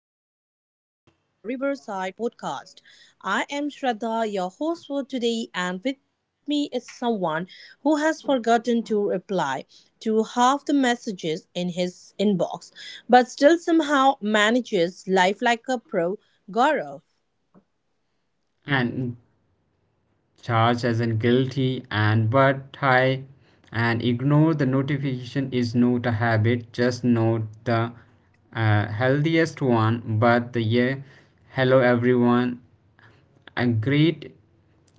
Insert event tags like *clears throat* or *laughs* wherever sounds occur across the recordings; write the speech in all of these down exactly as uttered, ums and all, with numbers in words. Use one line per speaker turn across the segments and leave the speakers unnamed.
another episode of our Riverside podcast. I am Shraddha, your host for today, and with me is someone who has forgotten to reply to half the messages in his inbox, but still somehow manages life like a pro, Gaurav.
And charged as an guilty and but high and ignore the notification is not a habit just note the uh, healthiest one but the yeah. Hello everyone. A great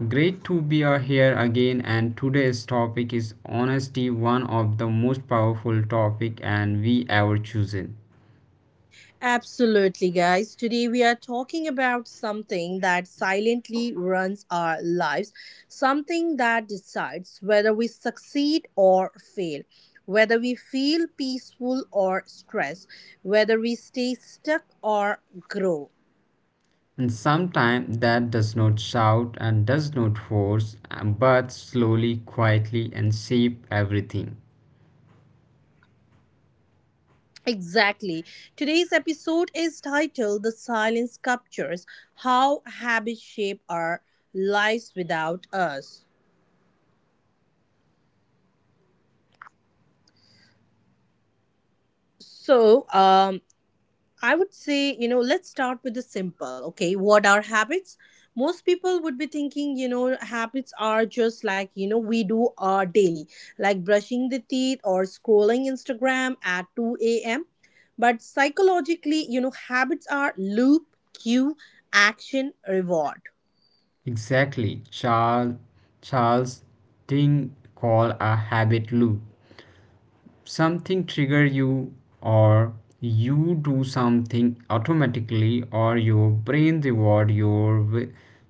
great to be here again, and today's topic is honesty, one of the most powerful topic and we ever chosen.
Absolutely, guys. Today we are talking about something that silently runs our lives, something that decides whether we succeed or fail, whether we feel peaceful or stressed, whether we stay stuck or grow.
And sometimes that does not shout and does not force, um, but slowly, quietly, and shape everything.
Exactly. Today's episode is titled The Silence Captures How Habits Shape Our Lives Without Us. So, um, I would say, you know, let's start with the simple. Okay, what are habits? Most people would be thinking, you know, habits are just like, you know, we do our daily, like brushing the teeth or scrolling Instagram at two a m. But psychologically, you know, habits are loop, cue, action, reward.
Exactly, Charles Charles Ting called a habit loop. Something trigger you, or you do something automatically, or your brain reward your wi-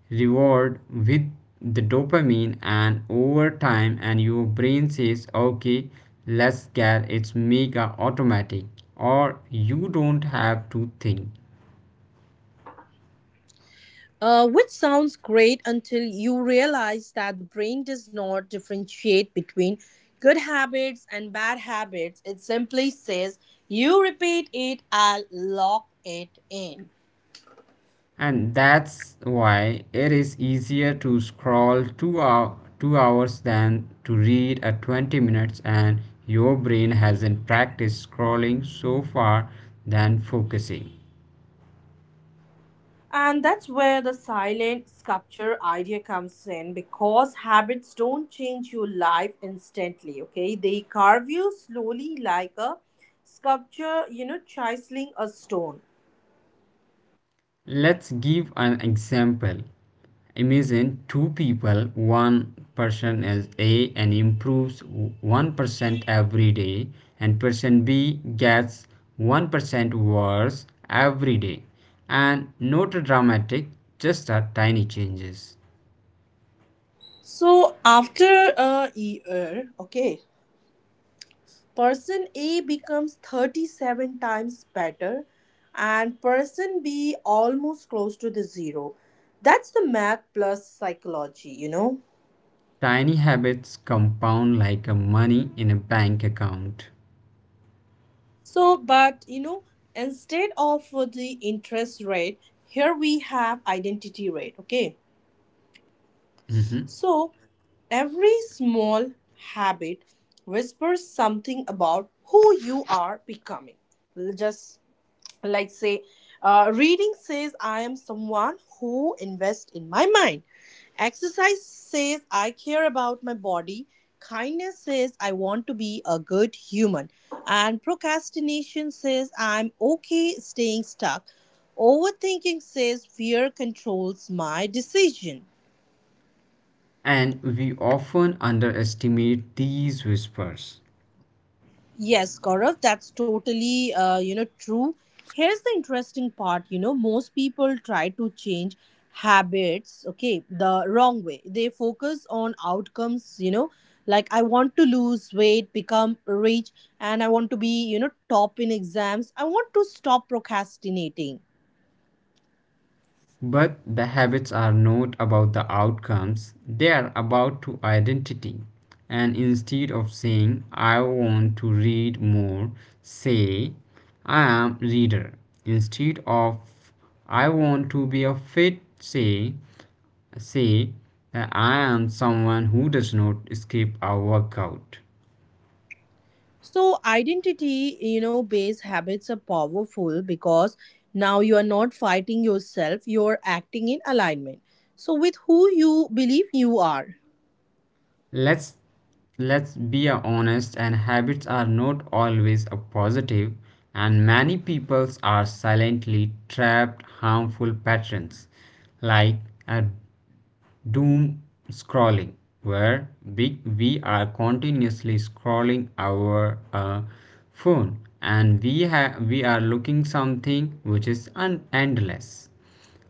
reward with the dopamine, and over time and your brain says okay, let's get it's mega automatic, or you don't have to think.
Uh, which sounds great until you realize that the brain does not differentiate between good habits and bad habits. It simply says, "You repeat it, I'll lock it in."
And that's why it is easier to scroll two, hour, two hours than to read a twenty minutes, and your brain hasn't practiced scrolling so far than focusing.
And that's where the silent sculpture idea comes in because habits don't change your life instantly, okay? They carve you slowly like a sculpture, you know, chiseling a stone.
Let's give an example. Imagine two people, one person as a and improves one percent every day, and person b gets one percent worse every day, and not dramatic, just a tiny changes.
So after a year, okay, person A becomes thirty-seven times better and person B almost close to the zero. That's the math plus psychology, you know.
Tiny habits compound like a money in a bank account.
So, but you know, instead of uh, the interest rate, here we have identity rate, okay?
Mhm.
So, every small habit whispers something about who you are becoming. Just like, say, uh, reading says I am someone who invests in my mind. Exercise says I care about my body. Kindness says I want to be a good human. And procrastination says I'm okay staying stuck. Overthinking says fear controls my decision.
And we often underestimate these whispers.
Yes, Gaurav, that's totally uh, you know true. Here's the interesting part. You know, most people try to change habits. Okay, the wrong way. They focus on outcomes. You know, like I want to lose weight, become rich, and I want to be you know top in exams. I want to stop procrastinating.
But the habits are not about the outcomes, they are about to identity. And instead of saying, I want to read more, say, I am reader. Instead of, I want to be a fit, say, say that I am someone who does not skip a workout.
So, identity, you know, based habits are powerful because now you are not fighting yourself, you're acting in alignment. So, with who you believe you are.
Let's let's be honest, and habits are not always a positive, and many peoples are silently trapped harmful patterns, like a doom scrolling, where we, we are continuously scrolling our uh, phone, and we have we are looking something which is un- endless.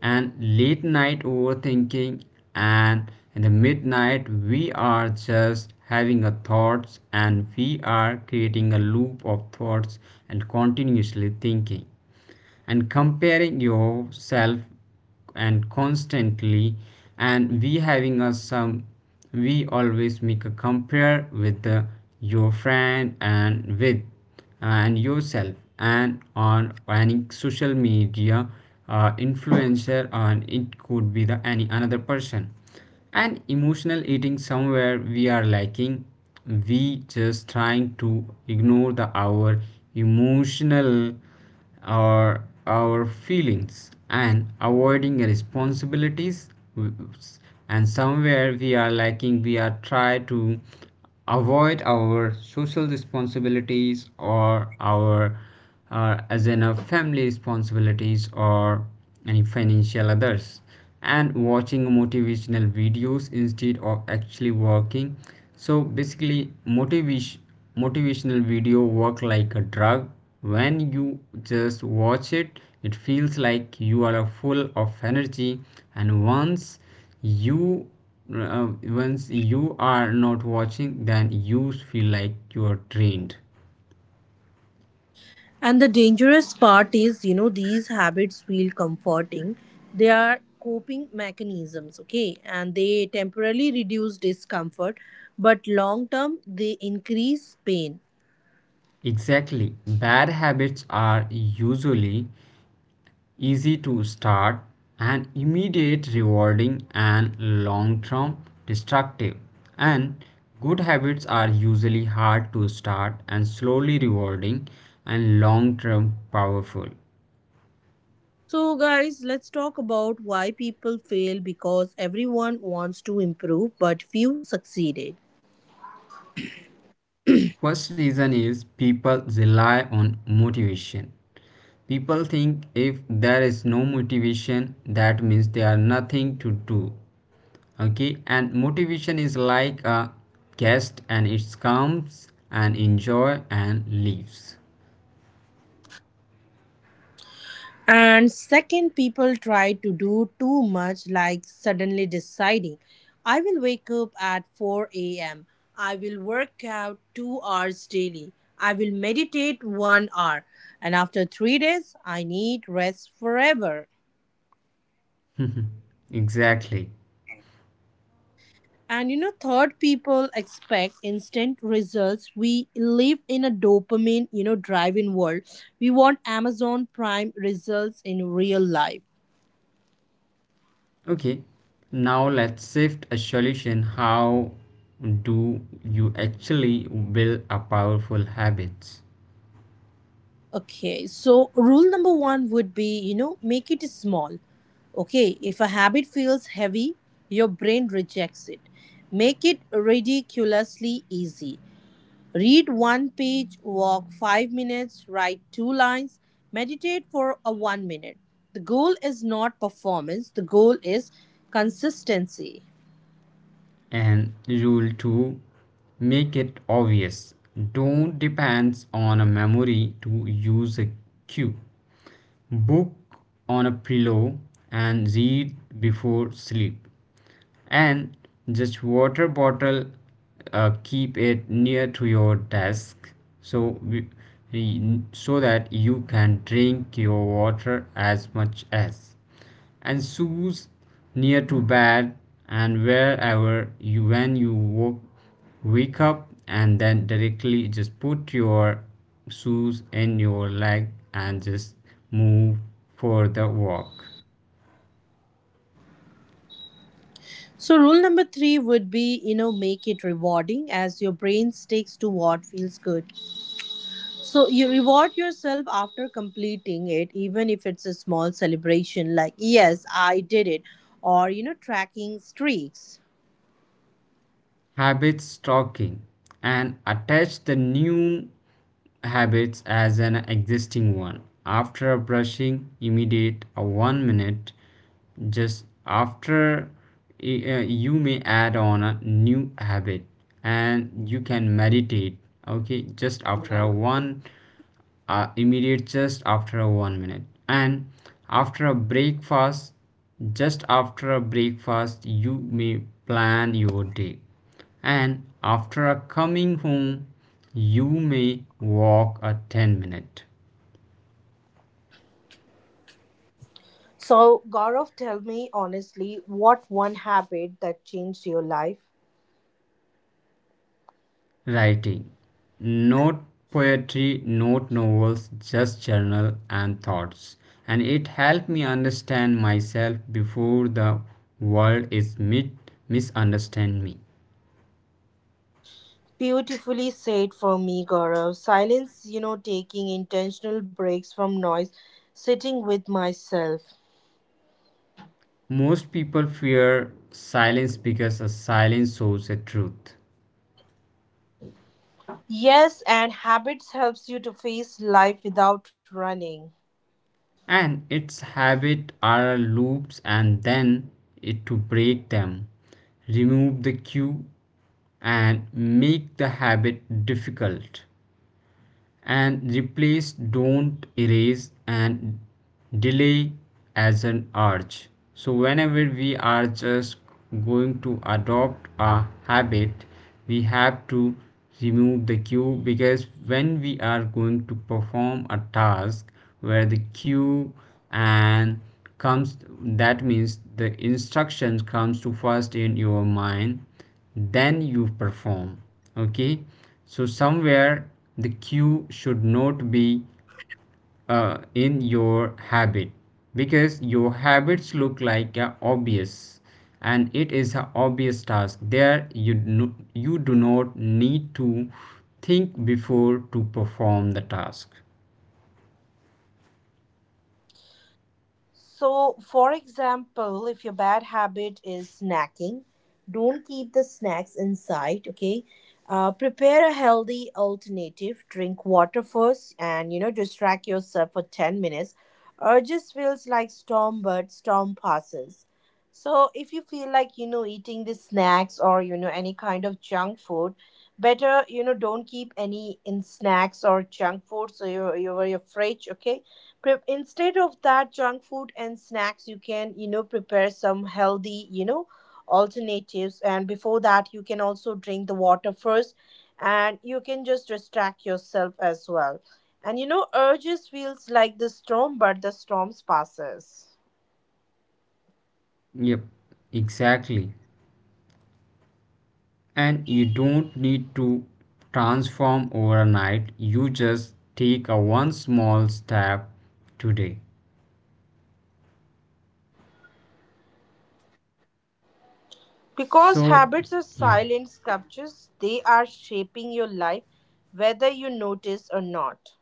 And late night overthinking, and in the midnight we are just having a thoughts and we are creating a loop of thoughts and continuously thinking and comparing yourself and constantly, and we having a some, we always make a compare with the, your friend and with and yourself, and on any social media uh, influencer, and it could be the any another person. And emotional eating, somewhere we are lacking, we just trying to ignore the our emotional or our feelings. And avoiding responsibilities, and somewhere we are lacking, we are try to avoid our social responsibilities or our uh, as in our family responsibilities, or any financial others. And watching motivational videos instead of actually working. So basically motivation motivational video work like a drug. When you just watch it, it feels like you are uh, full of energy, and once you uh, once you are not watching, then you feel like you are trained.
And the dangerous part is, you know, these habits feel comforting. They are coping mechanisms, okay, and they temporarily reduce discomfort, but long term they increase pain.
Exactly, bad habits are usually easy to start and immediate rewarding and long term destructive, and good habits are usually hard to start and slowly rewarding and long term powerful.
So, guys, let's talk about why people fail because everyone wants to improve, but few succeeded.
First reason is people rely on motivation. People think if there is no motivation, that means there are nothing to do. Okay, and motivation is like a guest, and it comes and enjoy and leaves.
And second, people try to do too much, like suddenly deciding, I will wake up at four a m, I will work out two hours daily, I will meditate one hour, and after three days, I need rest forever.
*laughs* Exactly.
And you know, third, people expect instant results. We live in a dopamine, you know, drive-in world. We want Amazon Prime results in real life.
Okay, now let's shift a solution. How do you actually build a powerful habits?
Okay, so rule number one would be, you know, make it small. Okay, if a habit feels heavy, your brain rejects it. Make it ridiculously easy. Read one page, walk five minutes, write two lines, meditate for a one minute. The goal is not performance, the goal is consistency.
And rule two, make it obvious. Don't depend on a memory, to use a cue. Book on a pillow and read before sleep. And just water bottle, uh, keep it near to your desk, so we- we- so that you can drink your water as much as. And shoes near to bed, and wherever you when you woke, wake up and then directly just put your shoes in your leg and just move for the walk.
So, rule number three would be you know, make it rewarding as your brain sticks to what feels good. So, you reward yourself after completing it, even if it's a small celebration like, yes, I did it, or you know, tracking streaks.
Habit stocking, and attach the new habits as an existing one, after brushing immediate a one minute, just after uh, you may add on a new habit. And you can meditate, okay, just after a one, uh, immediate just after a one minute. And after a breakfast, just after a breakfast you may plan your day. And after a coming home, you may walk a ten minute.
So, Gaurav, tell me honestly, what one habit that changed your life?
Writing, not poetry, not novels, just journal and thoughts, and it helped me understand myself before the world is mit- misunderstand me.
Beautifully said for me, Gaurav. Silence, you know, taking intentional breaks from noise, sitting with myself.
Most people fear silence, because a silence shows a truth.
Yes, and habits helps you to face life without running.
And its habit are loops, and then it to break them. Remove the cue and make the habit difficult, and replace, don't erase, and delay as an urge. So whenever we are just going to adopt a habit, we have to remove the cue, because when we are going to perform a task, where the cue and comes, that means the instruction comes to first in your mind, then you perform. Okay, so somewhere the cue should not be uh, in your habit, because your habits look like a obvious, and it is an obvious task there. You no, you do not need to think before to perform the task.
So, for example, if your bad habit is snacking, don't keep the snacks inside, okay? Uh, prepare a healthy alternative. Drink water first and, you know, distract yourself for ten minutes. Urges feels like storm, but storm passes. So, if you feel like, you know, eating the snacks or, you know, any kind of junk food, better, you know, don't keep any in snacks or junk food. So, you're, you're afraid, okay? Prep instead of that junk food and snacks, you can you know prepare some healthy you know alternatives. And before that, you can also drink the water first, and you can just distract yourself as well. And you know, urges feels like the storm, but the storms passes.
Yep, exactly. And you don't need to transform overnight, you just take a one small step today.
Because
So
habits are
yeah.
silent sculptures, they are shaping your life, whether you notice or not.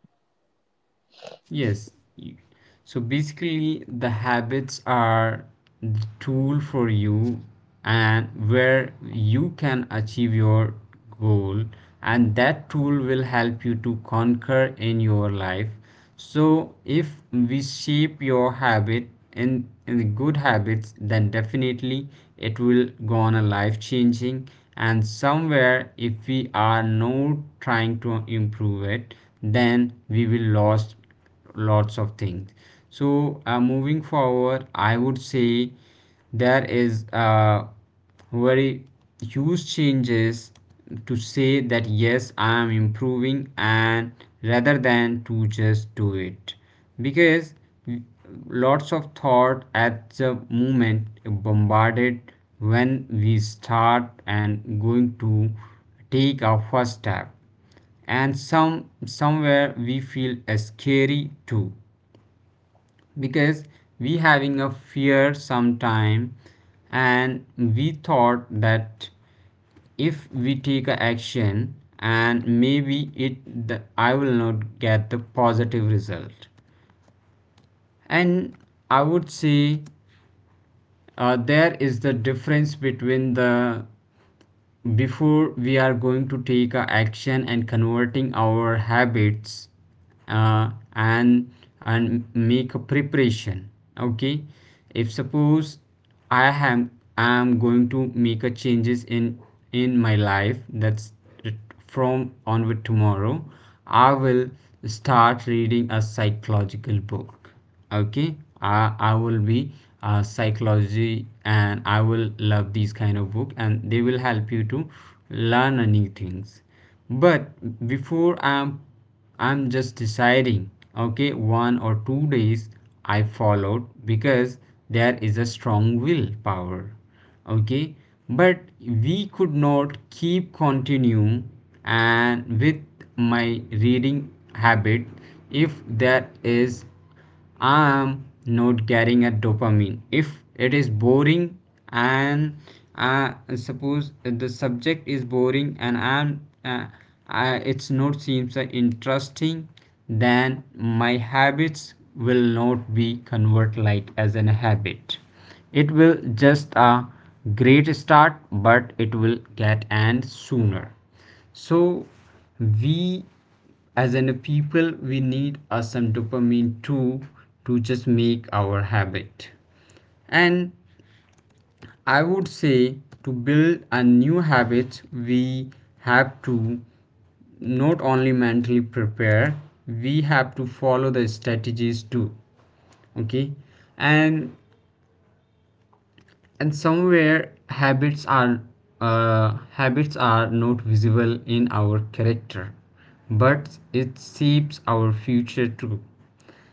Yes. y- So basically, the habits are the tool for you, and where you can achieve your goal, and that tool will help you to conquer in your life. So if we shape your habit in, in the good habits, then definitely it will go on a life changing. And somewhere, if we are not trying to improve it, then we will lost lots of things. So uh, moving forward, I would say there is a very huge changes to say that yes I am improving, and rather than to just do it, because lots of thought at the moment bombarded when we start and going to take our first step. And some somewhere we feel uh, scary too, because we having a fear sometime. And we thought that if we take a action, and maybe it the, I will not get the positive result. And I would say uh, there is the difference between the before we are going to take a action and converting our habits, uh, and and make a preparation. Okay, if suppose i am i am going to make a changes in in my life, that's that from onward tomorrow, I will start reading a psychological book. Okay, I, I will be uh, psychology, and I will love these kind of book, and they will help you to learn new things. But before I'm I'm just deciding, okay, one or two days I followed because there is a strong willpower, okay, but we could not keep continue. And with my reading habit, if that is I am not getting a dopamine, if it is boring, and uh, suppose the subject is boring, and i'm uh, I, it's not seems uh, interesting. Then my habits will not be convert like as an habit, it will just a great start, but it will get end sooner. So we as in a people we need uh, some dopamine too, to just make our habit. And I would say, to build a new habit, we have to not only mentally prepare, we have to follow the strategies too. Okay, and and somewhere habits are uh, habits are not visible in our character, but it shapes our future too.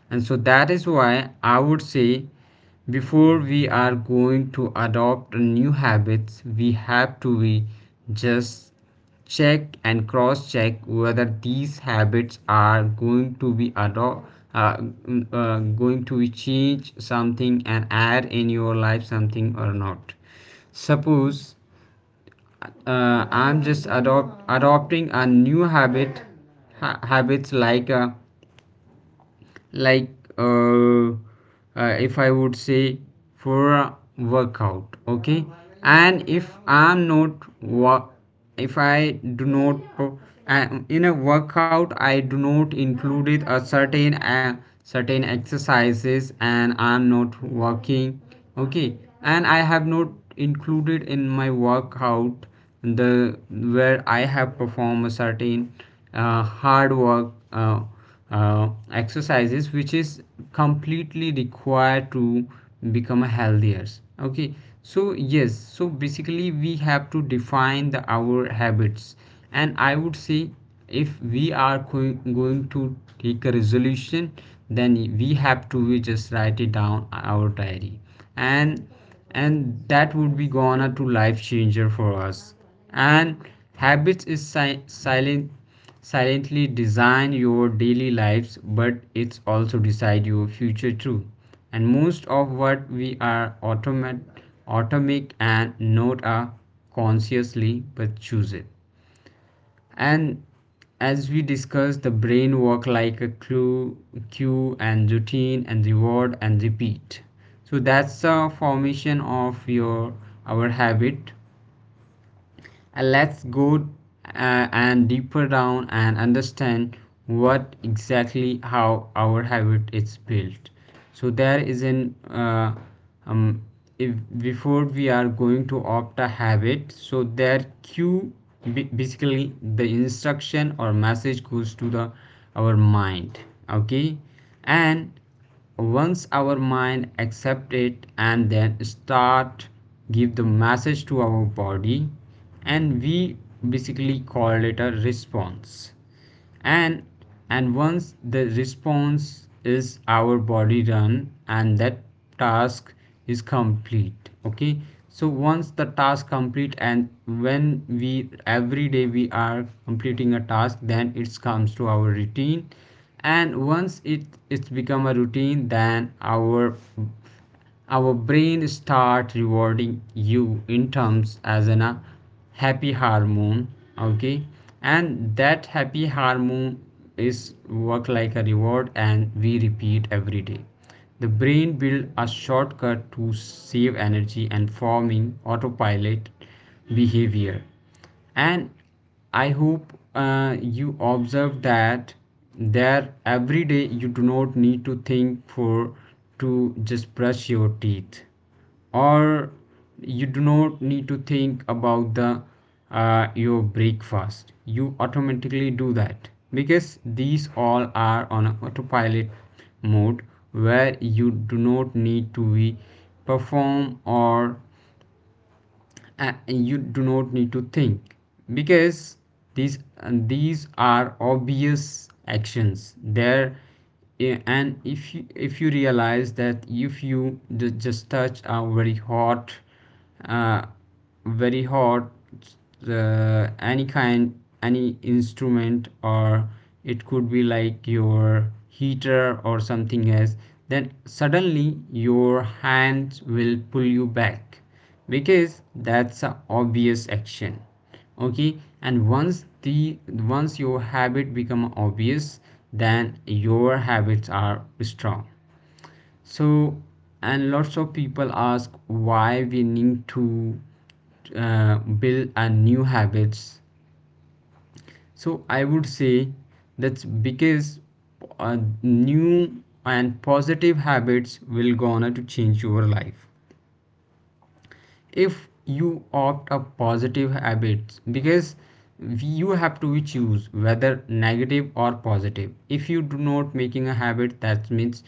And so that is why I would say, before we are going to adopt a new habits, we have to be just check and cross check whether these habits are going to be ado- uh, mm, uh, going to be change something and add in your life something or not. Suppose uh, i'm just adopt adopting a new habit, ha- habits like uh, like uh, uh, if I would say for a workout, okay. And if I'm not wa- if I do not uh, in a workout I do not included a certain uh, certain exercises, and I'm not working, okay. And I have not included in my workout the where I have performed a certain uh, hard work uh, uh, exercises, which is completely required to become healthier, okay. So yes, so basically we have to define the our habits. And I would say, if we are going, going to take a resolution, then we have to we just write it down our diary, and and that would be gonna to life changer for us. And habits is si- silent, silently design your daily lives, but it's also decide your future too. And most of what we are automate automatic and not are consciously but choose it. And as we discussed, the brain work like a clue, cue, and routine, and reward, and repeat. So that's the formation of your our habit. Uh, let's go uh, and deeper down and understand what exactly how our habit is built. So there is an uh, um, if before we are going to opt a habit, so there cue, ba- basically the instruction or message goes to the our mind. Okay, and once our mind accept it and then start give the message to our body and we basically call it a response and and once the response is our body done and that task is complete. Okay, so once the task complete and when we every day we are completing a task, then it comes to our routine. And once it it's become a routine, then our our brain start rewarding you in terms as an a happy hormone. Okay, and that happy hormone is work like a reward and we repeat every day. The brain build a shortcut to save energy and forming autopilot behavior. And I hope uh, you observe that there every day you do not need to think for to just brush your teeth, or you do not need to think about the uh, your breakfast, you automatically do that because these all are on a autopilot mode, where you do not need to be perform or uh, you do not need to think because these and these are obvious actions there. Yeah, and if you, if you realize that if you ju- just touch a very hot uh, very hot uh, any kind, any instrument, or it could be like your heater or something else, then suddenly your hands will pull you back because that's a obvious action. Okay, and once the once your habit become obvious, then your habits are strong. So and lots of people ask why we need to uh, build a new habits. So I would say that's because uh, new and positive habits will gonna to change your life if you opt a positive habits, because you have to choose whether negative or positive. If you do not making a habit, that means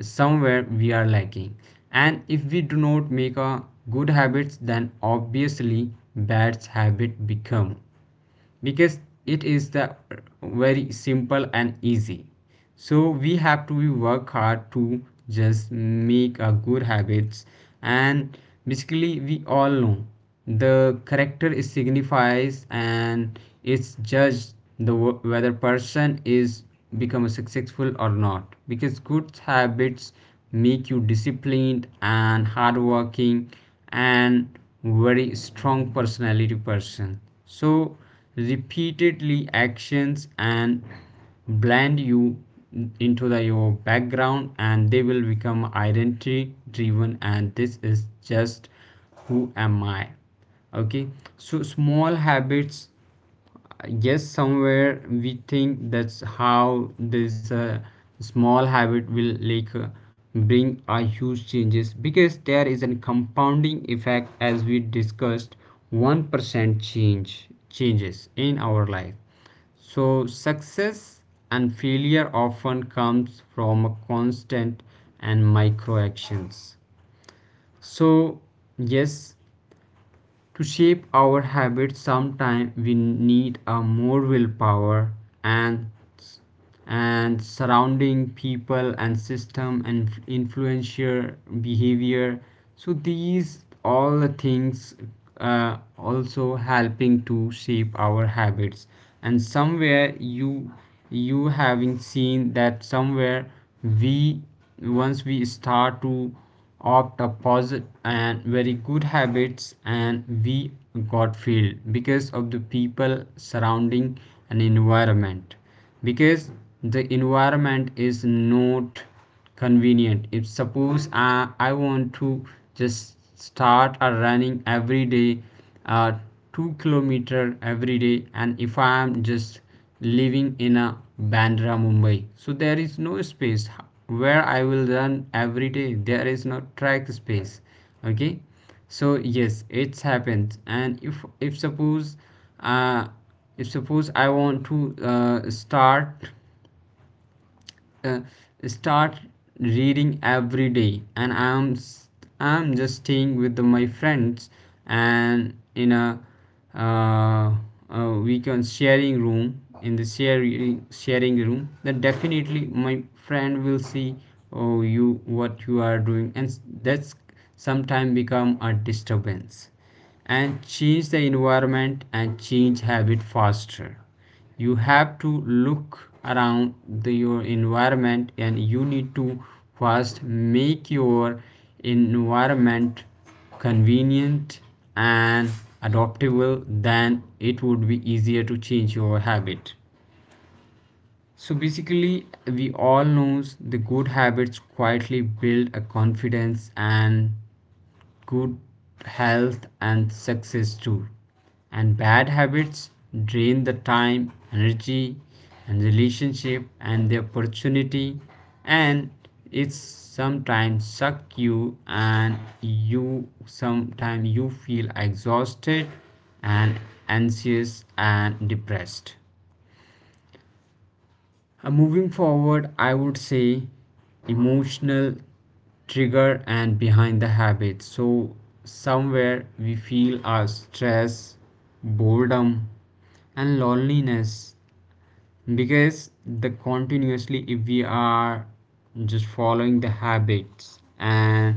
somewhere we are lacking. And if we do not make a good habits, then obviously bad habit become because it is the very simple and easy. So we have to work hard to just make a good habits. And basically we all know the character is signifies and it's judged the wo- whether person is become a successful or not, because good habits make you disciplined and hardworking and very strong personality person. So repeatedly actions and blend you into the your background and they will become identity driven, and this is just who am I. Okay, so small habits, yes, somewhere we think that's how this uh, small habit will like uh, bring a huge changes because there is a compounding effect, as we discussed, one percent change changes in our life. So success and failure often comes from a constant and micro actions. So yes, to shape our habits, sometimes we need a more willpower and and surrounding people and system and influencer behavior. So these all the things uh, also helping to shape our habits. And somewhere you you having seen that somewhere we once we start to opt a positive and very good habits and we got failed because of the people surrounding an environment, because the environment is not convenient. If suppose i, I want to just start a running every day, uh, two kilometer every day, and if I am just living in a Bandra, Mumbai. So there is no space where I will run every day. There is no track space. Okay, so yes, it's happened. And if if suppose uh, if suppose I want to uh, start uh, start reading every
*clears throat*
day
Seems
and
like there
i'm
is
s-
some
I'm just
interruptions.
staying
Okay,
with
so
my
I would
friends
like to say, guys, the
and
topic
in
which
a
we have choose,
uh, uh,
okay,
we
uh,
can
that would
sharing room
be
in the
uh, the,
sharing sharing
you
room,
know, the
then
silent
definitely my
sculptures.
friend will see
Here,
oh
my
you
co-host
what you are
Gaurav
doing and
was
s- that's
sharing, you know,
sometime
very
become a
good and you know,
disturbance.
very
And change the
informative
environment
thing.
and
Okay,
change habit
so
faster,
here I would
you
like to
have to
say that to
look
you guys,
around the,
habits
your
are often called the
environment, and
silent
you need
sculptures
to
because they
first
work quietly
make
in the
your
background, carving out the shape
environment
of our health,
convenient
productivity, and
and
character
adaptable,
without
then
us ever
it would be
making a
easier to change
conscious
your
choice.
habit.
So, here we will be
So
discussing like
basically,
how
we
these
all
silent
knows the
sculptures
good
save our
habits
life,
quietly
you know,
build a
explained with some,
confidence
you know,
and
specific points. So,
good
the conservation of
health
mental
and
energy
success
is,
too.
you know,
And
the
bad
brain is
habits
an
drain
energy
the time,
hungry organ
energy,
to stay
and
efficient,
relationship
so
and the
it converts the
opportunity,
frequent task
and
into habits
it's
so it can go on a
sometimes suck
autopilot,
you
freeing
and
up your mental
you
space for the complex
sometimes you
prog-
feel
uh, pro-
exhausted
problems, okay.
and
So how it
anxious
shapes
and
is,
depressed.
uh, you know it dictates how much
Uh, moving
willpower you have
forward, I
left
would
by the
say
end of the day. If your
emotional
morning is a series of uh,
trigger
good
and
habits,
behind the
you
habit.
save the
So
energy. So,
somewhere
example
we
like, think of
feel
a
our
driving a car,
stress,
okay? When you first
boredom,
learn, you had to
and
consciously
loneliness,
think about the mirrors,
because the
pedals, steering.
continuously if
So
we
now you can
are
drive home
just
while
following the
planning your dinner,
habits
barely
and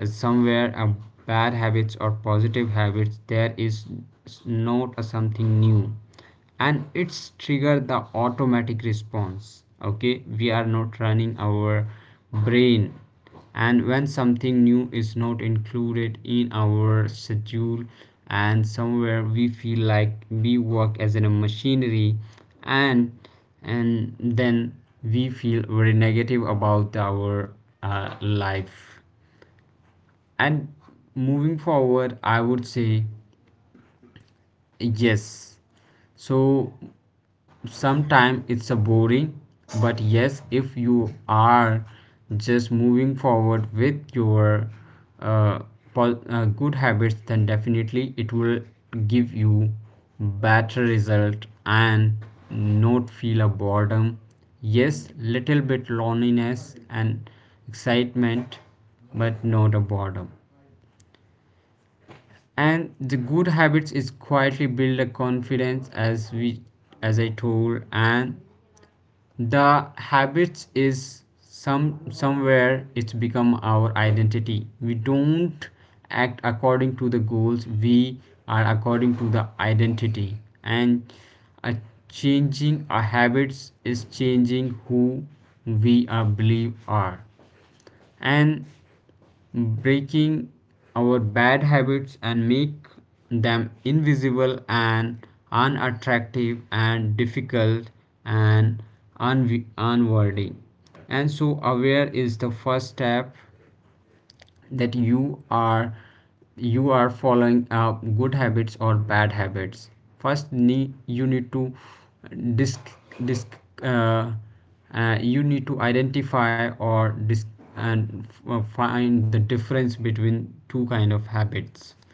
uh,
the
somewhere a
turns you
bad
took.
habits or
All right.
positive habits,
So,
there is
the power
not
of
a something
habits
new,
loop. Okay,
and it's
every
trigger the
habit is
automatic
sculpted
response.
by a three
Okay,
part
we are
loop.
not
A
running
cue
our
trigger
brain,
leads to a
and
routine,
when
the action
something new
which
is
results
not
in a reward.
included in
So,
our
how it
schedule
shapes is, you know,
and
you
somewhere
begin to
we feel
react to your
like we
environment
work as in a
rather than
machinery,
acting on
and
your intentions
and
over
then
time. The
we feel very
sculpture makes
negative
the reward
about
only
our
thing you
uh,
crave, making the
life.
action feel
And
involuntary.
moving
So
forward
we
I
can
would
take
say
example of feeling a ping
yes,
on your phone
so
leads to checking social media
sometimes
routine,
it's a
okay?
boring,
So which
but
gives you a
yes, if
kind of
you
a moment
are
distraction or
just moving
excitement.
forward
So you
with
might find
your
yourself holding
uh,
your phone
po- uh,
without
good
even
habits, then definitely
remembering
it
why
will
you picked up.
give you
So, number
better
three
result
would be
and not feel a
identity
boredom,
transformation,
yes,
okay.
little bit
Habits are
loneliness
not just
and
things you do, right.
excitement,
They are
but
the
not a boredom.
buildings blocks of who you believe you are.
And the
Every
good
time you
habits is
perform a
quietly
habit,
build a
you are
confidence, as
casting a
we
vote for the
as I
type of
told,
person you
and
want to become.
the
So, uh,
habits
for
is
example, you know how
some
it shapes
somewhere
is,
it's become
small
our
unnoticed
identity.
acts
We
eventually
don't
settle into a
act
permanent
according to the
self image.
goals we
So,
are
let's take
according to the
example, if you make your
identity.
bed
And
every single
a
morning, okay,
changing
you
our
are
habits
silently
is
sculpting an
changing who
identity as an
we are
organized
believe
person.
are.
So, if the rest of your
And
day is messy, the one
breaking
habit
our bad
reinforces
habits
a
and
sense
make
of discipline
them
that spills
invisible
into other
and
areas of life.
unattractive
So, the
and
compound
difficult
effect.
and
Habits
unwi-
are the interest
unworthy.
of self
And so
improvement
aware
on
is the
any
first
given
step
day. A one percent
that you
improvement or a
are
one percent
you are
decline
following
seems
uh,
in
good
uh, you know
habits or bad habits.
insignificant, but over a
First
month
need
and
you
years,
need to
the results
disc
are you know
disc uh,
massive. So
uh, you
how
need to
it shapes
identify
you
or disc
is, you know
and f-
uh,
uh, find
like,
the
uh, it
difference
creates a
between two
success
kind of
or failure
habits
as a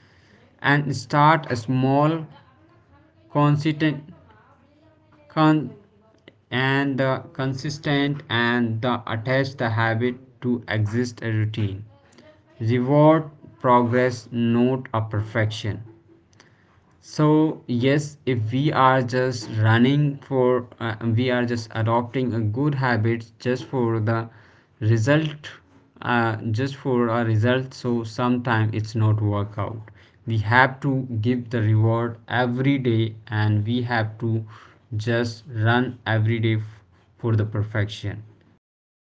and
destination you reach
start a
slowly,
small
then all at once.
consistent
Example, eating one
con
extra cookie a
and
day
the
doesn't change your
consistent
weight in
and
a
the
week, but
attach the
over a year
habit to
the
exist a
unnoticed
routine
habit can result in
reward
gaining ten to
progress,
15
not a
pounds okay.
perfection.
So here
So
you know we
yes,
have
if we
discussed
are
about
just
like,
running
you
for
know
uh, we are
how
just
you
adopting
know
a good habit
you
just
can
for
you
the
know uh, result
result
in gain in the
uh,
pounds.
just for a
Conversely,
result,
reading
so
five
sometimes
pages a
it's not
night
work out.
doesn't make
We
you an
have to
expert
give
today,
the
but
reward
in a few
every day,
years you'll
and we
have
have
finished
to
you know
just
dozen of
run every
books.
day for the perfection. Okay.